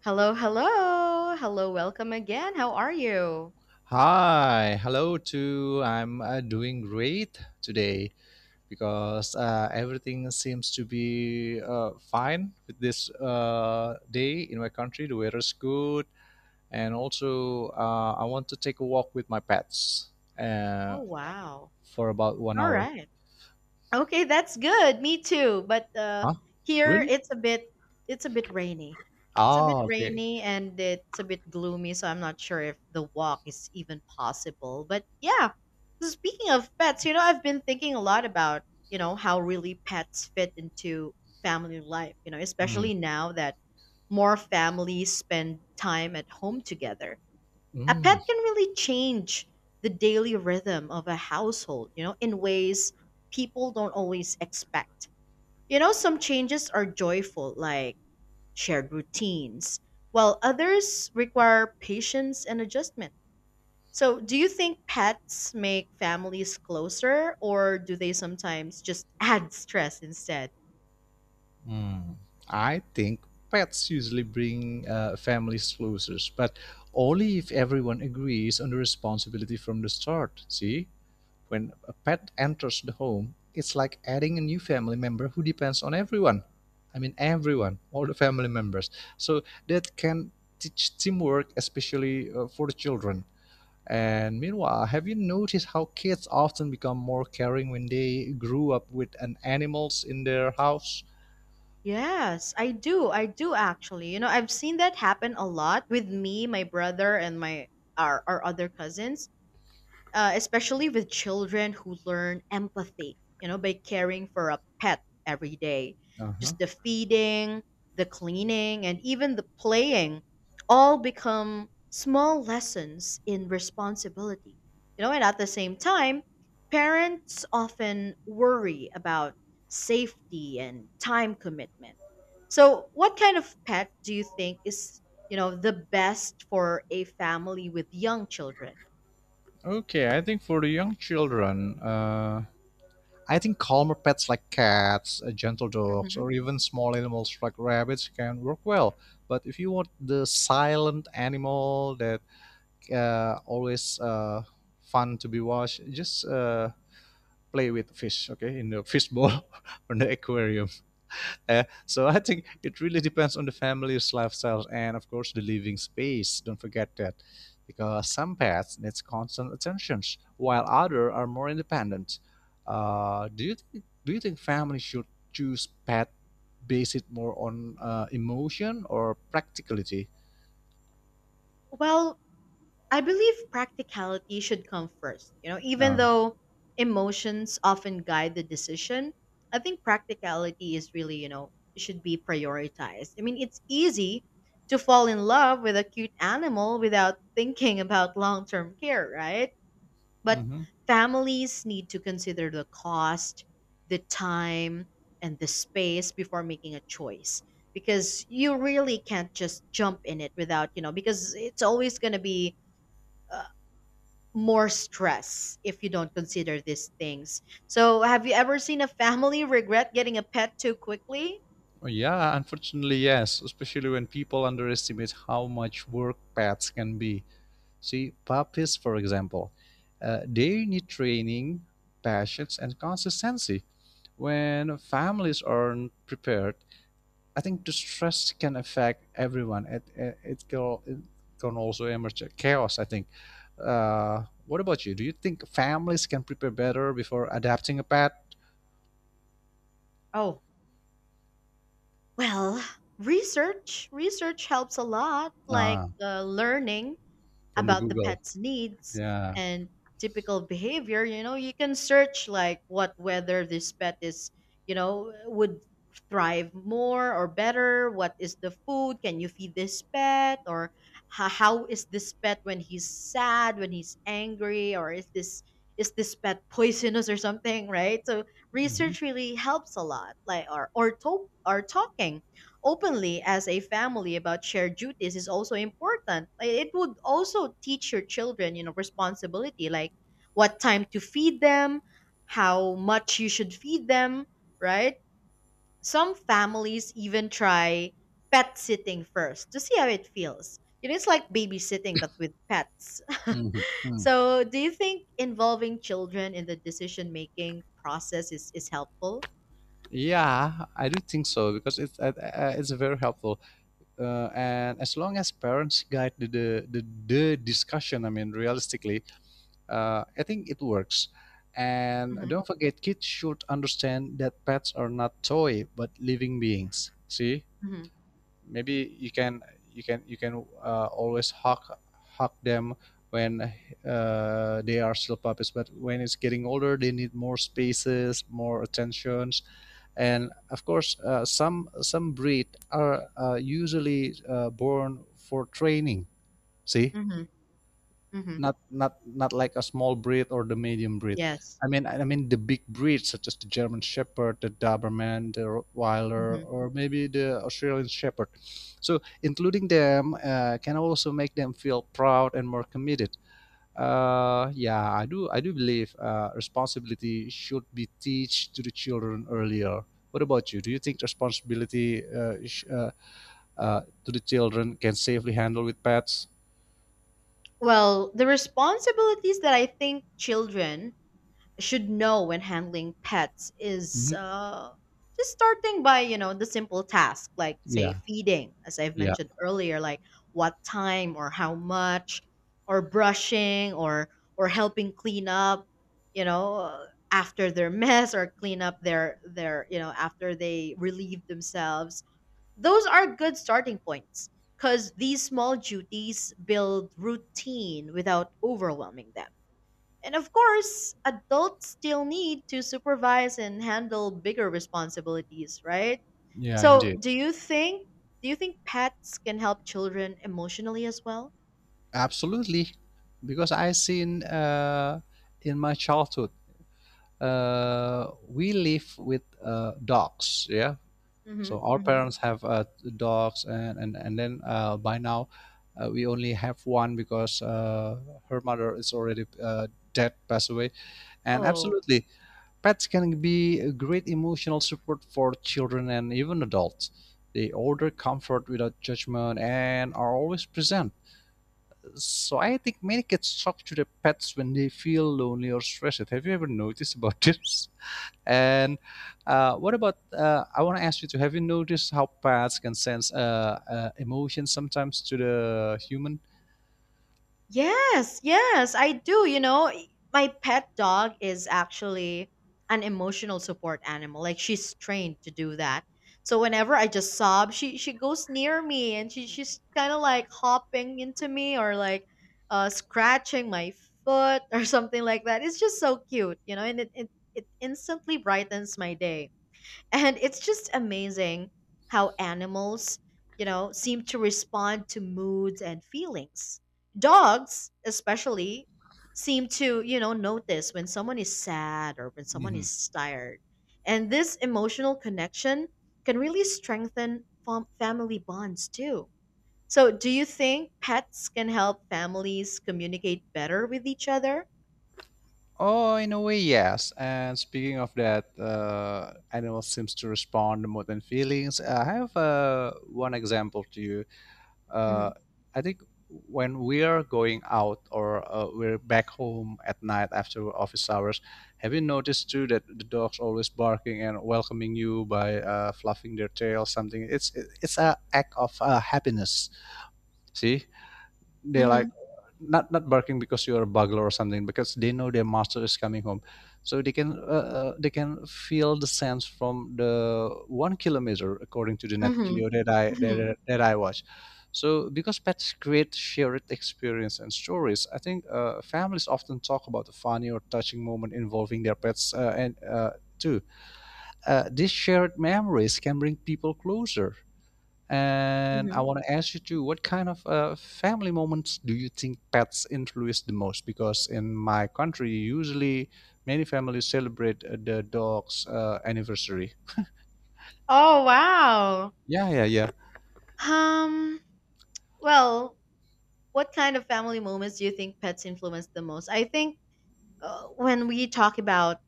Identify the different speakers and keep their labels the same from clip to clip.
Speaker 1: Hello, hello. Hello, welcome again. How are you?
Speaker 2: Hi, hello too. I'm doing great today because everything seems to be fine with this day in my country. The weather is good, and also I want to take a walk with my pets uh,
Speaker 1: Oh, wow.
Speaker 2: for about one
Speaker 1: All
Speaker 2: hour.
Speaker 1: right. Okay, that's good. Me too. But
Speaker 2: Huh?
Speaker 1: here
Speaker 2: Really?
Speaker 1: it's a bit rainy. It's a bit
Speaker 2: Ah, okay.
Speaker 1: rainy and it's a bit gloomy, so I'm not sure if the walk is even possible. But yeah. So speaking of pets, you know, I've been thinking a lot about, how really pets fit into family life, you know,
Speaker 2: Mm.
Speaker 1: especially now that more families spend time at home together a
Speaker 2: Mm,
Speaker 1: pet can really change the daily rhythm of a household, you know, in ways people don't always expect. You know, some changes are joyful, like shared routines, while others require patience and adjustment. So, do you think pets make families closer, or do they sometimes just add stress instead?
Speaker 2: Mm. I think pets usually bring families closer, but only if everyone agrees on the responsibility from the start. See, when a pet enters the home, it's like adding a new family member who depends on everyone. I mean, everyone, all the family members. So that can teach teamwork, especially for the children. And meanwhile, have you noticed how kids often become more caring when they grew up with an animals in their house?
Speaker 1: Yes, I do. I do actually. You know, I've seen that happen a lot with me, my brother, and our other cousins especially with children who learn empathy, by caring for a pet every day.
Speaker 2: Uh huh.
Speaker 1: Just the feeding, the cleaning, and even the playing all become small lessons in responsibility. You know, and at the same time, parents often worry about safety and time commitment. So, what kind of pet do you think is, you know, the best for a family with young children?
Speaker 2: Okay, I think for the young children, I think calmer pets like cats, gentle dogs, or even small animals like rabbits can work well. But if you want the silent animal that always fun to be watched, just play with fish, okay, in the fish bowl or the aquarium. So I think it really depends on the family's lifestyles and, of course, the living space. Don't forget that, because some pets needs constant attention, while others are more independent. Do you think families should choose pet based more on emotion or practicality?
Speaker 1: Well, I believe practicality should come first. You know, even
Speaker 2: Ah.
Speaker 1: though emotions often guide the decision, I think practicality is really, you know, should be prioritized. I mean, it's easy to fall in love with a cute animal without thinking about long-term care, right? But
Speaker 2: Mm-hmm.
Speaker 1: families need to consider the cost, the time, and the space before making a choice because you really can't just jump in it without, you know, because it's always going to be uh, more stress if you don't consider these things. So, have you ever seen a family regret getting a pet too quickly?
Speaker 2: Well, yeah, unfortunately, yes, especially when people underestimate how much work pets can be. See, puppies, for example, they need training, patience, and consistency. When families aren't prepared, I think the stress can affect everyone. It can also emerge chaos, I think. What about you? Do you think families can prepare better before adapting a pet?
Speaker 1: Oh, well, research helps a lot, like
Speaker 2: Ah,
Speaker 1: learning
Speaker 2: from the
Speaker 1: about the
Speaker 2: Google.
Speaker 1: pet's needs
Speaker 2: Yeah.
Speaker 1: and typical behavior. You know, you can search like what, whether this pet is, you know, would thrive more or better, what is the food, can you feed this pet, or how is this pet when he's sad, when he's angry, or is this pet poisonous or something, right? So
Speaker 2: Hmm.
Speaker 1: research really helps a lot, like or talking openly as a family about shared duties is also important. Like, it would also teach your children, you know, responsibility, like what time to feed them, how much you should feed them, right? Some families even try pet sitting first to see how it feels. You know, it is like babysitting, but with pets.
Speaker 2: Hmm.
Speaker 1: So, do you think involving children in the decision making process is helpful?
Speaker 2: Yeah, I do think so because it's very helpful. And as long as parents guide the discussion, I mean realistically, I think it works. And
Speaker 1: Mm-hmm,
Speaker 2: don't forget, kids should understand that pets are not toy but living beings. See,
Speaker 1: mm-hmm,
Speaker 2: maybe you can always hug them when they are still puppies, but when it's getting older, they need more spaces, more attentions. And of course, some breed are usually born for training. See,
Speaker 1: mm-hmm, mm-hmm.
Speaker 2: not like a small breed or the medium breed.
Speaker 1: Yes.
Speaker 2: I mean the big breeds such as the German Shepherd, the Doberman, the Rottweiler,
Speaker 1: Mm-hmm.
Speaker 2: or maybe the Australian Shepherd. So including them can also make them feel proud and more committed. Yeah, I do. I do believe responsibility should be teach to the children earlier. What about you? Do you think responsibility to the children can safely handle with pets?
Speaker 1: Well, the responsibilities that I think children should know when handling pets is,
Speaker 2: Hmm.
Speaker 1: just starting by, you know, the simple task, like, say,
Speaker 2: Yeah,
Speaker 1: feeding, as I've
Speaker 2: yeah.
Speaker 1: mentioned earlier, like what time or how much, or brushing, or helping clean up, you know, after their mess, or clean up their, you know, after they relieve themselves. Those are good starting points because these small duties build routine without overwhelming them. And of course, adults still need to supervise and handle bigger responsibilities, right?
Speaker 2: Yeah,
Speaker 1: So,
Speaker 2: indeed.
Speaker 1: do you think pets can help children emotionally as well?
Speaker 2: Absolutely. Because I seen in my childhood, we live with dogs. Yeah. So
Speaker 1: Mhm.
Speaker 2: our
Speaker 1: Mhm.
Speaker 2: parents have dogs, and then by now, we only have one because her mother is already dead, passed away. And
Speaker 1: Oh.
Speaker 2: absolutely, pets can be a great emotional support for children and even adults. They order comfort without judgment and are always present. So I think many kids talk to their pets when they feel lonely or stressed. Have you ever noticed about this? And what about? I want to ask you too. Have you noticed how pets can sense emotions sometimes to the human?
Speaker 1: Yes, yes, I do. You know, my pet dog is actually an emotional support animal. Like, she's trained to do that. So whenever I just sob, she goes near me and she's kind of like hopping into me, or like uh, scratching my foot, or something like that. It's just so cute, you know, and it instantly brightens my day. And it's just amazing how animals, you know, seem to respond to moods and feelings. Dogs, especially, seem to, you know, notice when someone is sad or when someone
Speaker 2: Mhm.
Speaker 1: is tired. And this emotional connection can really strengthen family bonds too. So, do you think pets can help families communicate better with each other?
Speaker 2: Oh, in a way, yes. And speaking of that, animals seems to respond more than feelings. I have one example to you.
Speaker 1: Mm-hmm.
Speaker 2: uh, I think when we are going out or we're back home at night after office hours, have you noticed too that the dogs always barking and welcoming you by fluffing their tail? Something. It's a act of happiness. See, they're like
Speaker 1: Mm-hmm.
Speaker 2: not barking because you're a burglar or something, because they know their master is coming home, so they can feel the sense from the 1 kilometer according to the net geo that
Speaker 1: Mm-hmm.
Speaker 2: I watch. So because pets create shared experience and stories, I think families often talk about a funny or touching moment involving their pets, and too these shared memories can bring people closer. And
Speaker 1: Mm-hmm.
Speaker 2: I want to ask you too, what kind of family moments do you think pets influence the most? Because in my country, usually many families celebrate the dog's anniversary.
Speaker 1: Oh, wow.
Speaker 2: Yeah, yeah, yeah,
Speaker 1: Um, well, what kind of family moments do you think pets influence the most? I think when we talk about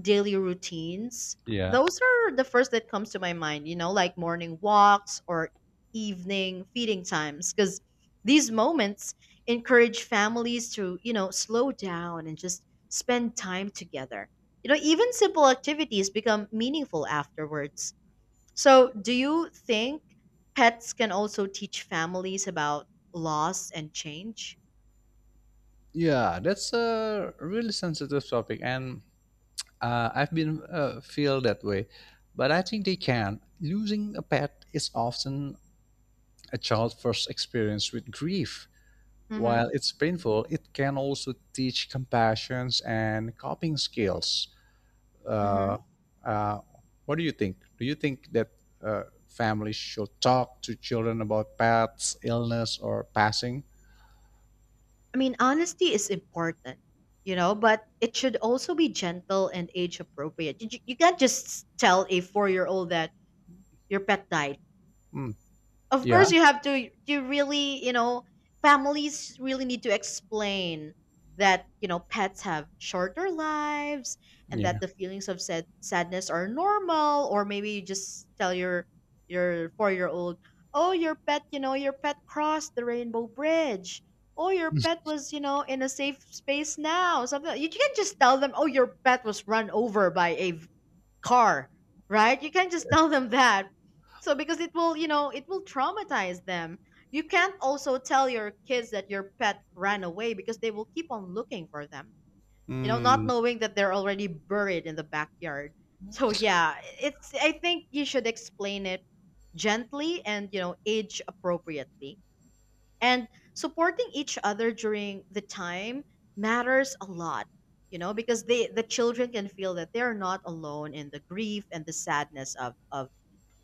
Speaker 1: daily routines,
Speaker 2: yeah,
Speaker 1: those are the first that comes to my mind, you know, like morning walks or evening feeding times, because these moments encourage families to, you know, slow down and just spend time together. You know, even simple activities become meaningful afterwards. So, do you think pets can also teach families about loss and change?
Speaker 2: yeah. That's a really sensitive topic, and I've been feel that way. But I think they can. Losing a pet is often a child's first experience with grief.
Speaker 1: hmm
Speaker 2: While it's painful, it can also teach compassion and coping skills.
Speaker 1: hmm
Speaker 2: Uh, uh, what do you think? Do you think that families should talk to children about pets, illness, or passing?
Speaker 1: I mean, honesty is important, you know, but it should also be gentle and age appropriate. You can't just tell a 4 year old that your pet died.
Speaker 2: Mm,
Speaker 1: Of course
Speaker 2: yeah,
Speaker 1: you have to, you really, you know, families really need to explain that, you know, pets have shorter lives, and
Speaker 2: yeah.
Speaker 1: that the feelings of sadness are normal. Or maybe you just tell your 4-year old, oh, your pet, you know, your pet crossed the rainbow bridge, oh, your pet was, you know, in a safe space now, something like, you can't just tell them, oh, your pet was run over by a car, right? You can't just tell them that. So because it will, you know, it will traumatize them. You can't also tell your kids that your pet ran away because they will keep on looking for them. You know, not
Speaker 2: Mm.
Speaker 1: knowing that they're already buried in the backyard. So yeah, it's, I think you should explain it gently and, you know, age appropriately, and supporting each other during the time matters a lot, you know, because the children can feel that they're not alone in the grief and the sadness of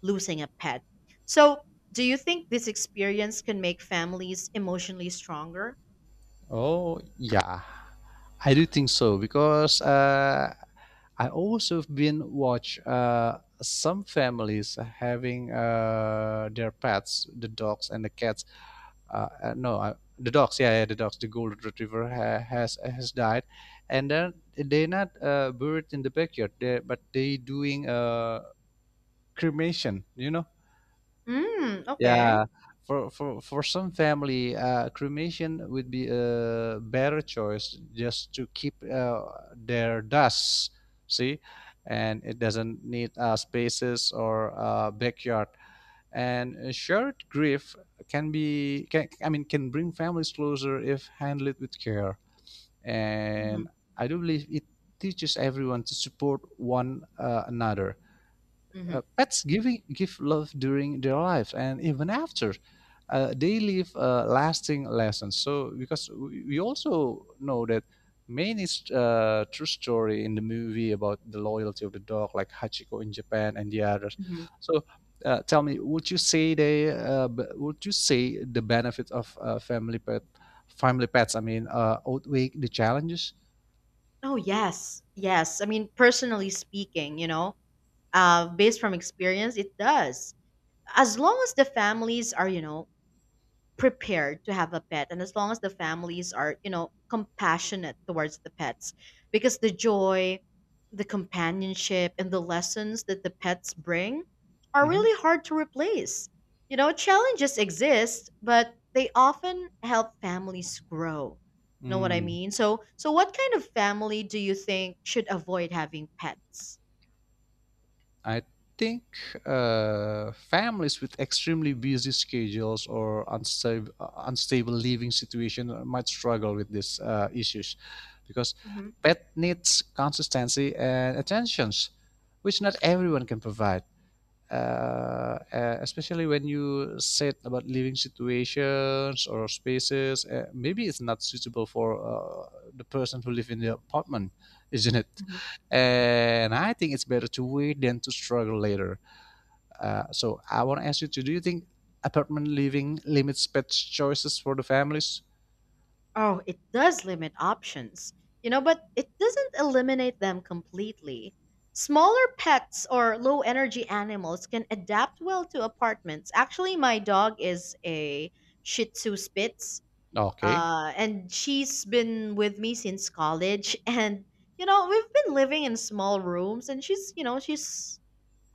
Speaker 1: losing a pet. So do you think this experience can make families emotionally stronger?
Speaker 2: Oh, yeah. I do think so because I also have been watch some families having their pets, the dogs and the cats. No, the dogs. Yeah, yeah, the dogs. The golden retriever ha has died, and then they're not buried in the backyard. They but they doing cremation. You know,
Speaker 1: Mm, okay.
Speaker 2: yeah, for some family, cremation would be a better choice just to keep their dust, see, and it doesn't need spaces or backyard. And a shared grief can be can I mean can bring families closer if handled with care.
Speaker 1: Hmm.
Speaker 2: And I do believe it teaches everyone to support one another. uh,
Speaker 1: Hmm.
Speaker 2: pets giving give love during their lives and even after. They leave lasting lessons. So because we also know that main true story in the movie about the loyalty of the dog, like Hachiko in Japan and the others.
Speaker 1: Hmm.
Speaker 2: So tell me, would you say the benefits of family pets? I mean, outweigh the challenges?
Speaker 1: Oh yes, yes, I mean, personally speaking, you know, based from experience it does, as long as the families are, you know, prepared to have a pet, and as long as the families are, you know, compassionate towards the pets, because the joy, the companionship, and the lessons that the pets bring are
Speaker 2: Hmm.
Speaker 1: really hard to replace. You know, challenges exist, but they often help families grow. You know what I
Speaker 2: Mm,
Speaker 1: mean? So what kind of family do you think should avoid having pets?
Speaker 2: I think families with extremely busy schedules or unstable, unstable living situation might struggle with these issues, because
Speaker 1: Hmm.
Speaker 2: pet needs consistency and attentions, which not everyone can provide. Especially when you said about living situations or spaces, maybe it's not suitable for the person who live in the apartment, isn't it? And I think it's better to wait than to struggle later. So I want to ask you to, do you think apartment living limits pet choices for the families?
Speaker 1: Oh, it does limit options, you know, but it doesn't eliminate them completely. Smaller pets or low energy animals can adapt well to apartments. Actually, my dog is a Shih Tzu Spitz,
Speaker 2: Okay.
Speaker 1: and she's been with me since college. And, you know, we've been living in small rooms, and she's, you know, she's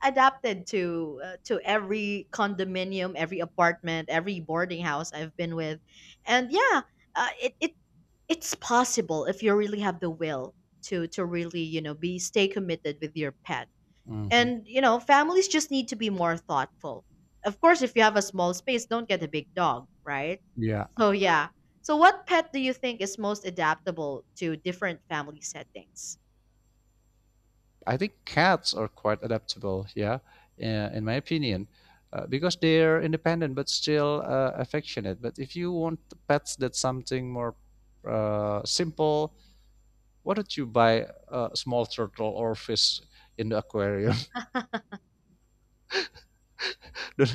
Speaker 1: adapted to, to every condominium, every apartment, every boarding house I've been with. And yeah, it it's possible if you really have the will to really, you know, be stay committed with your pet.
Speaker 2: Hmm.
Speaker 1: And you know, families just need to be more thoughtful. Of course, if you have a small space, don't get a big dog, right?
Speaker 2: Yeah.
Speaker 1: So yeah, so what pet do you think is most adaptable to different family settings?
Speaker 2: I think cats are quite adaptable, yeah, in my opinion, because they're independent but still affectionate. But if you want pets that's something more simple, why don't you buy a small turtle or fish in the aquarium?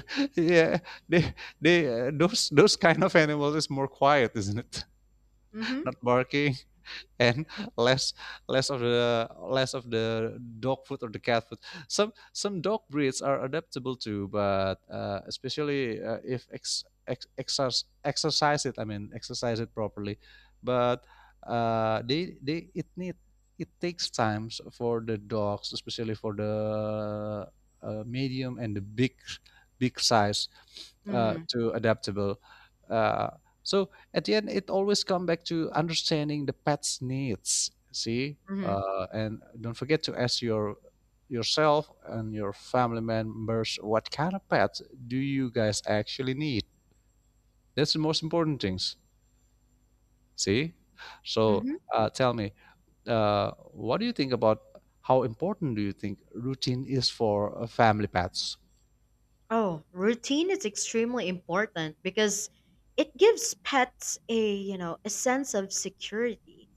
Speaker 2: Yeah, they, those kind of animals is more quiet, isn't it?
Speaker 1: Mm-hmm.
Speaker 2: Not barking. And less less of the dog food or the cat food. Some dog breeds are adaptable to, but especially if ex, ex, exercise exercise it. I mean, exercise it properly, but they it need, it takes times for the dogs, especially for the medium and the big size
Speaker 1: Mm-hmm.
Speaker 2: to adaptable. Uh, so at the end, it always come back to understanding the pet's needs. See,
Speaker 1: Mm-hmm.
Speaker 2: and don't forget to ask yourself and your family members what kind of pets do you guys actually need. That's the most important things. See, so
Speaker 1: Mm-hmm.
Speaker 2: tell me, what do you think about how important do you think routine is for family pets?
Speaker 1: Oh, routine is extremely important because it gives pets a, you know, a sense of security.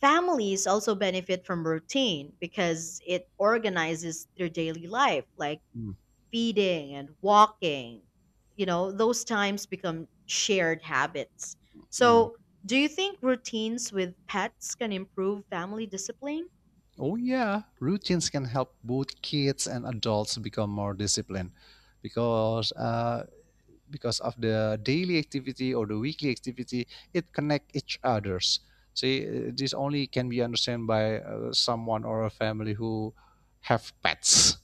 Speaker 1: Families also benefit from routine because it organizes their daily life, like
Speaker 2: Mm,
Speaker 1: feeding and walking. You know, those times become shared habits.
Speaker 2: mm.
Speaker 1: So, do you think routines with pets can improve family discipline?
Speaker 2: Oh yeah, routines can help both kids and adults become more disciplined, because uh, because of the daily activity or the weekly activity, it connect each others. See, this only can be understood by someone or a family who have pets.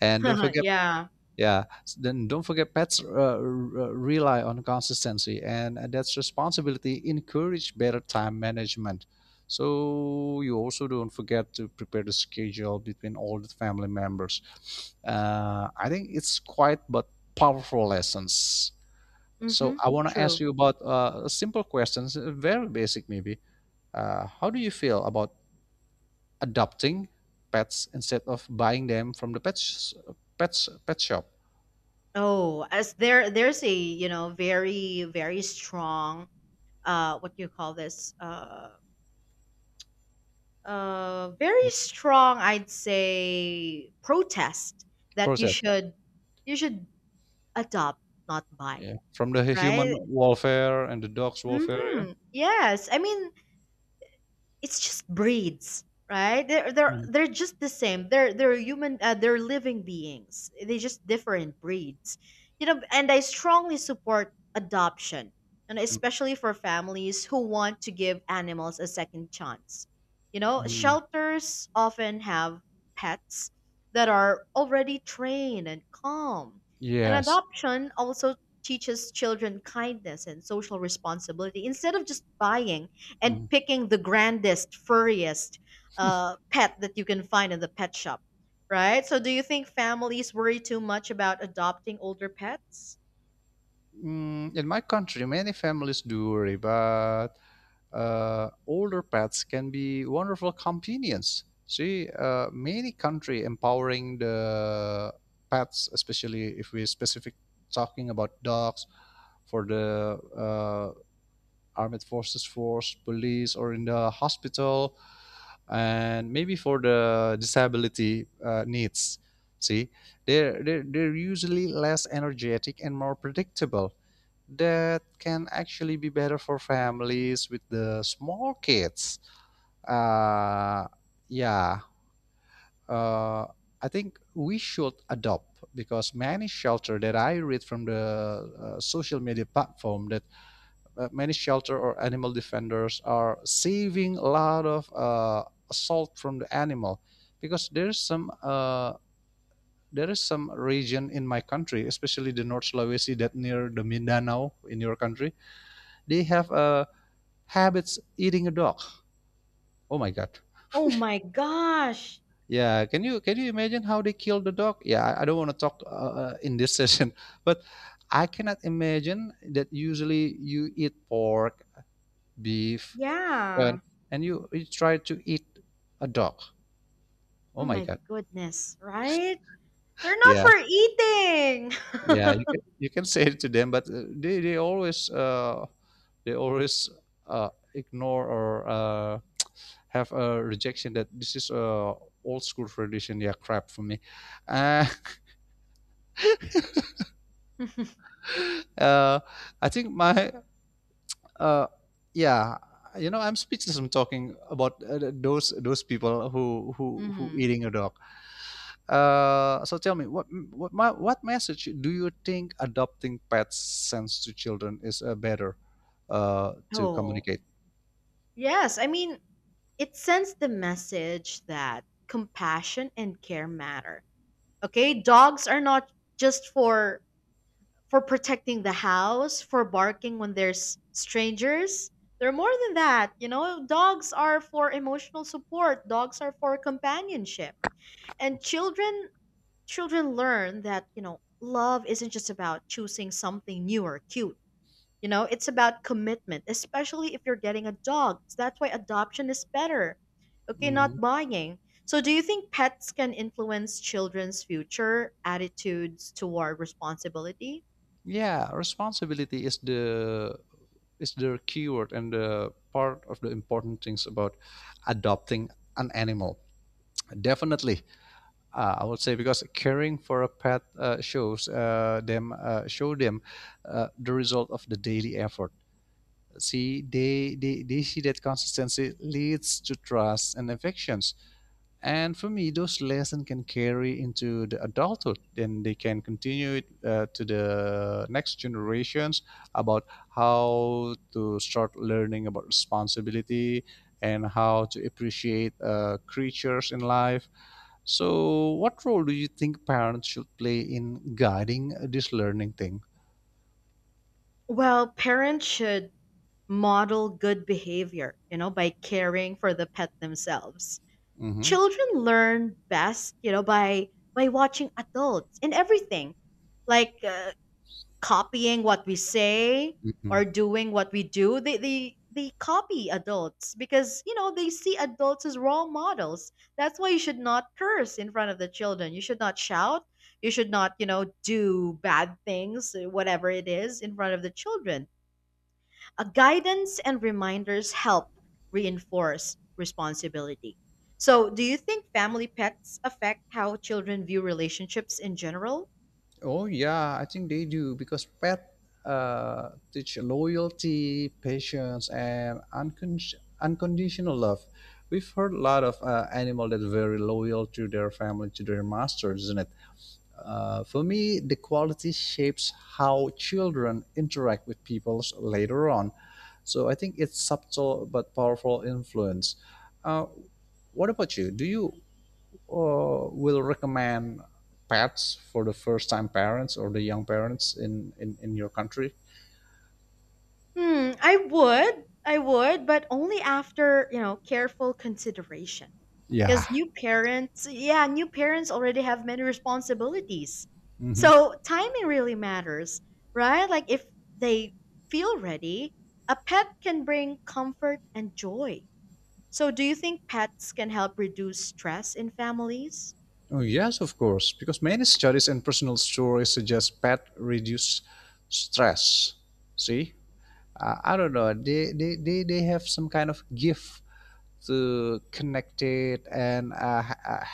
Speaker 2: And don't forget,
Speaker 1: Yeah.
Speaker 2: yeah, then don't forget, pets rely on consistency, and that's responsibility encourage better time management. So you also don't forget to prepare the schedule between all the family members. I think it's quite but powerful lessons. So
Speaker 1: Mm-hmm.
Speaker 2: I want to ask
Speaker 1: True.
Speaker 2: you about a simple question, very basic maybe. How do you feel about adopting pets instead of buying them from the pet sh- pets pet shop?
Speaker 1: Oh, as there there's a, you know, very, very strong what do you call this?
Speaker 2: Mhm.
Speaker 1: Very strong, I'd say, protest that
Speaker 2: Process, yeah.
Speaker 1: you should adopt, not
Speaker 2: Yeah.
Speaker 1: buy,
Speaker 2: From the human
Speaker 1: right?
Speaker 2: welfare and the dog's welfare, yeah.
Speaker 1: Mm-hmm. Yes, I mean, it's just breeds, right? They're
Speaker 2: Mm,
Speaker 1: they're just the same, they're human, they're living beings, they just different breeds, you know. And I strongly support adoption, and
Speaker 2: mm,
Speaker 1: especially for families who want to give animals a second chance. You know,
Speaker 2: mm.
Speaker 1: shelters often have pets that are already trained and calm. And
Speaker 2: Yes.
Speaker 1: adoption also teaches children kindness and social responsibility, instead of just buying and
Speaker 2: Mm-hmm.
Speaker 1: picking the grandest, furriest pet that you can find in the pet shop, right? So, do you think families worry too much about adopting older pets?
Speaker 2: Mm, in my country, many families do worry, but older pets can be wonderful companions. See, many country empowering the pets, especially if we specific talking about dogs for the armed forces force, police, or in the hospital, and maybe for the disability needs. See, they're usually less energetic and more predictable that can actually be better for families with the small kids. Uh, yeah, uh, I think we should adopt because many shelter that I read from the social media platform that many shelter or animal defenders are saving a lot of assault from the animal because there's some there is some region in my country, especially the North Sulawesi that near the Mindanao in your country, they have a habits eating a dog. Oh my god.
Speaker 1: Oh my gosh.
Speaker 2: Yeah, can you imagine how they killed the dog? Yeah, I don't want to talk in this session, but I cannot imagine that usually you eat pork, beef, chicken,
Speaker 1: Yeah.
Speaker 2: and you try to eat a dog. Oh
Speaker 1: Oh
Speaker 2: my
Speaker 1: my
Speaker 2: god.
Speaker 1: goodness, right? They're not
Speaker 2: Yeah.
Speaker 1: for eating.
Speaker 2: Yeah, you can say it to them, but they always uh ignore or have a rejection that this is a old school tradition. Yeah, crap for me. Uh, Uh, I think my uh, yeah, You know, I'm speechless. I'm talking about those people who who
Speaker 1: Mhm.
Speaker 2: eating a dog. So tell me, what message do you think adopting pets sends to children is better to
Speaker 1: Oh,
Speaker 2: communicate?
Speaker 1: yes. I mean, it sends the message that compassion and care matter. Okay, dogs are not just for protecting the house, for barking when there's strangers. They're more than that. You know, dogs are for emotional support, dogs are for companionship. And children learn that, you know, love isn't just about choosing something new or cute. You know, it's about commitment, especially if you're getting a dog. So that's why adoption is better. Okay, not
Speaker 2: Hmm
Speaker 1: buying. So, do you think pets can influence children's future attitudes toward responsibility?
Speaker 2: Yeah, responsibility is the keyword and the part of the important things about adopting an animal. Definitely. I would say because caring for a pet show them the result of the daily effort. See, they see that consistency leads to trust and affections. And for me, those lessons can carry into the adulthood, and they can continue it to the next generations about how to start learning about responsibility and how to appreciate creatures in life. So what role do you think parents should play in guiding this learning thing?
Speaker 1: Well, parents should model good behavior, you know, by caring for the pet themselves.
Speaker 2: Hmm
Speaker 1: Children learn best, you know, by watching adults in everything, like copying what we say
Speaker 2: hmm
Speaker 1: or doing what we do. They copy adults because, you know, they see adults as role models. That's why you should not curse in front of the children. You should not shout. You should not, you know, do bad things, whatever it is, in front of the children. A guidance and reminders help reinforce responsibility. So, do you think family pets affect how children view relationships in general?
Speaker 2: Oh yeah, I think they do because pet teach loyalty, patience, and unconditional love. We've heard a lot of animal that are very loyal to their family, to their masters, isn't it? For me, the quality shapes how children interact with people later on. So I think it's subtle but powerful influence. Uh, what about you? Do you will recommend pets for the first time parents or the young parents in your country?
Speaker 1: Hmm, I would. I would, but only after, you know, careful consideration.
Speaker 2: Yeah.
Speaker 1: Because new parents, yeah, new parents already have many responsibilities.
Speaker 2: hmm
Speaker 1: So timing really matters, right? Like, if they feel ready, a pet can bring comfort and joy. So, do you think pets can help reduce stress in families?
Speaker 2: Oh, yes, of course, because many studies and personal stories suggest pet reduce stress. See? I don't know. They have some kind of gift to connect it and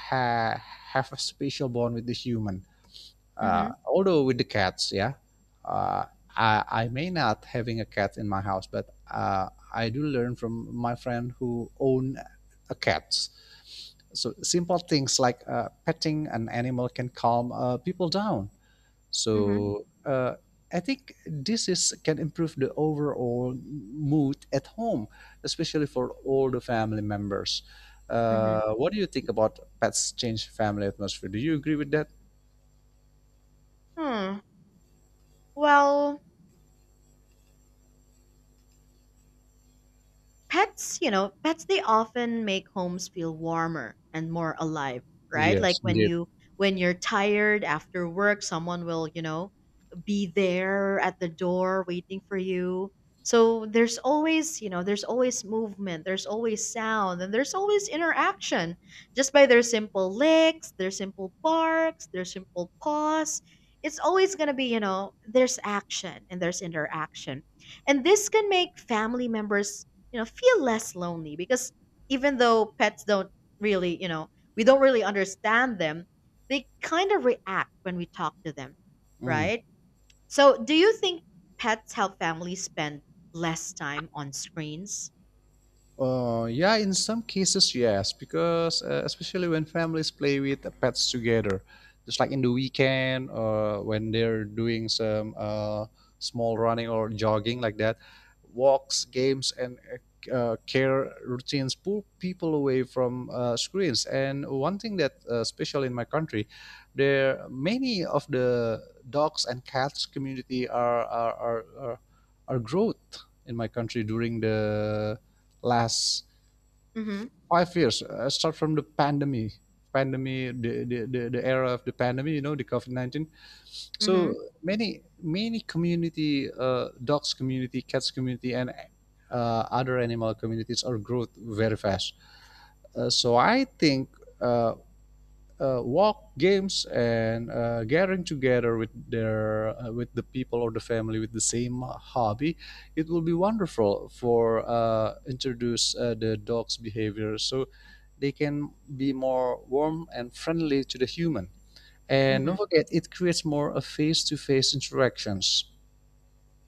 Speaker 2: have a special bond with the human.
Speaker 1: Mm-hmm.
Speaker 2: Although with the cats, yeah, uh, I may not having a cat in my house, but I do learn from my friend who own a cat. So simple things like petting an animal can calm people down.
Speaker 1: Mm-hmm.
Speaker 2: So uh, I think this is can improve the overall mood at home, especially for all the family members. What do you think about pets change family atmosphere? Do you agree with that?
Speaker 1: Mm-hmm. Hmm. Well, pets, you know, pets they often make homes feel warmer and more alive, right? Like
Speaker 2: Yes,
Speaker 1: when
Speaker 2: indeed.
Speaker 1: you when you're tired after work, someone will, you know, be there at the door waiting for you. So there's always, you know, there's always movement, there's always sound, and there's always interaction, just by their simple licks, their simple barks, their simple paws. It's always going to be, you know, there's action and there's interaction. And this can make family members, you know, feel less lonely, because even though pets don't really, you know, we don't really understand them, they kind of react when we talk to them,
Speaker 2: Mm.
Speaker 1: right? So do you think pets help families spend less time on screens?
Speaker 2: Yeah, in some cases, yes, because especially when families play with the pets together, just like in the weekend or when they're doing some small running or jogging like that, walks, games, and care routines pull people away from screens. And one thing that, special in my country, there many of the dogs and cats community are growth in my country during the last
Speaker 1: Mm-hmm.
Speaker 2: 5 years, start from the pandemic, the era of the pandemic, you know, the COVID 19. So
Speaker 1: Mm-hmm.
Speaker 2: many community, dogs community, cats community, and other animal communities are growth very fast. So I think uh, Walk games and gathering together with their with the people or the family with the same hobby, it will be wonderful for introduce the dog's behavior so they can be more warm and friendly to the human, and don't
Speaker 1: Mm-hmm.
Speaker 2: forget it creates more a face-to-face interactions.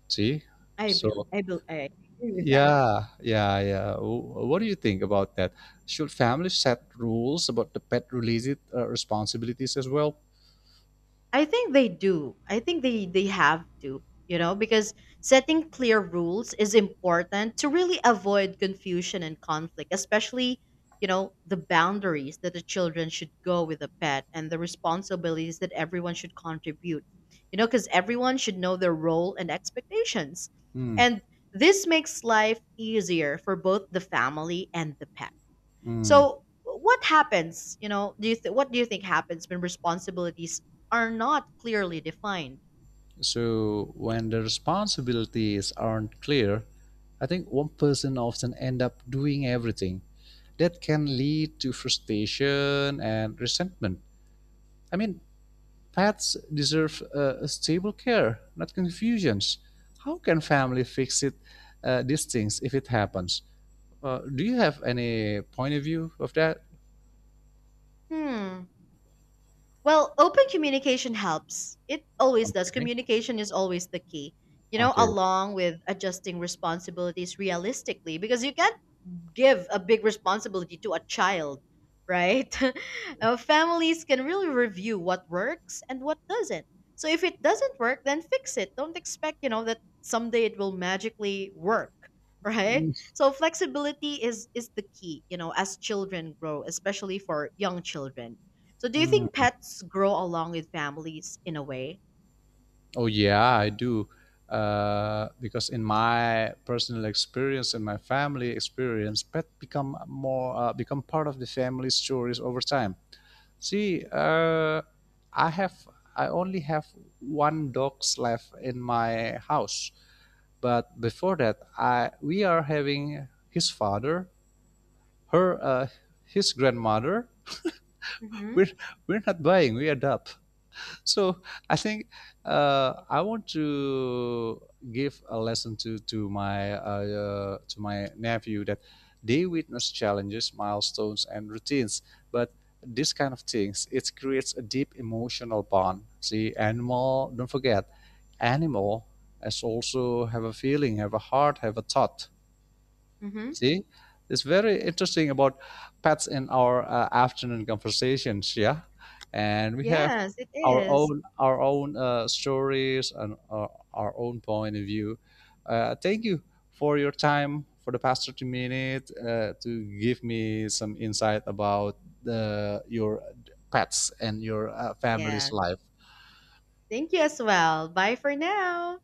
Speaker 2: See?
Speaker 1: I really
Speaker 2: So,
Speaker 1: I agree with that.
Speaker 2: yeah, yeah, yeah. Wh- what do you think about that, should families set rules about the pet related responsibilities as well?
Speaker 1: I think they do. I think they have to, you know, because setting clear rules is important to really avoid confusion and conflict, especially, you know, the boundaries that the children should go with the pet and the responsibilities that everyone should contribute. You know, cuz everyone should know their role and expectations.
Speaker 2: Mm,
Speaker 1: And this makes life easier for both the family and the pet.
Speaker 2: mm.
Speaker 1: So what happens? You know, do you what do you think happens when responsibilities are not clearly defined?
Speaker 2: So when the responsibilities aren't clear, I think one person often end up doing everything. That can lead to frustration and resentment. I mean, pets deserve a stable care, not confusions. How can family fix it these things if it happens? Do you have any point of view of that?
Speaker 1: Hmm. Well, open communication helps. It always does.
Speaker 2: Okay.
Speaker 1: Communication is always the key. You know,
Speaker 2: Okay.
Speaker 1: along with adjusting responsibilities realistically, because you can give a big responsibility to a child, right? Families can really review what works and what doesn't. So if it doesn't work, then fix it. Don't expect, you know, that someday it will magically work, right? So flexibility is the key, you know, as children grow, especially for young children. So do you think
Speaker 2: Mm.
Speaker 1: pets grow along with families in a way?
Speaker 2: Oh yeah, I do. Because in my personal experience and my family experience, pet become more become part of the family stories over time. See, I have I only have one dog's left in my house, but before that, I we are having his father, her, his grandmother.
Speaker 1: Mhm.
Speaker 2: We're we're not buying. We adopt. So I think I want to give a lesson to to my nephew that they witness challenges, milestones, and routines, but this kind of things it creates a deep emotional bond. See, animal. Don't forget, animal has also have a feeling, have a heart, have a thought.
Speaker 1: Mhm.
Speaker 2: See, it's very interesting about pets in our afternoon conversations. Yeah, and we have
Speaker 1: Yes, it is.
Speaker 2: our own stories and our own point of view. Thank you for your time for the past 30 minutes to give me some insight about the, your pets and your family's
Speaker 1: Yes.
Speaker 2: life.
Speaker 1: Thank you as well. Bye for now.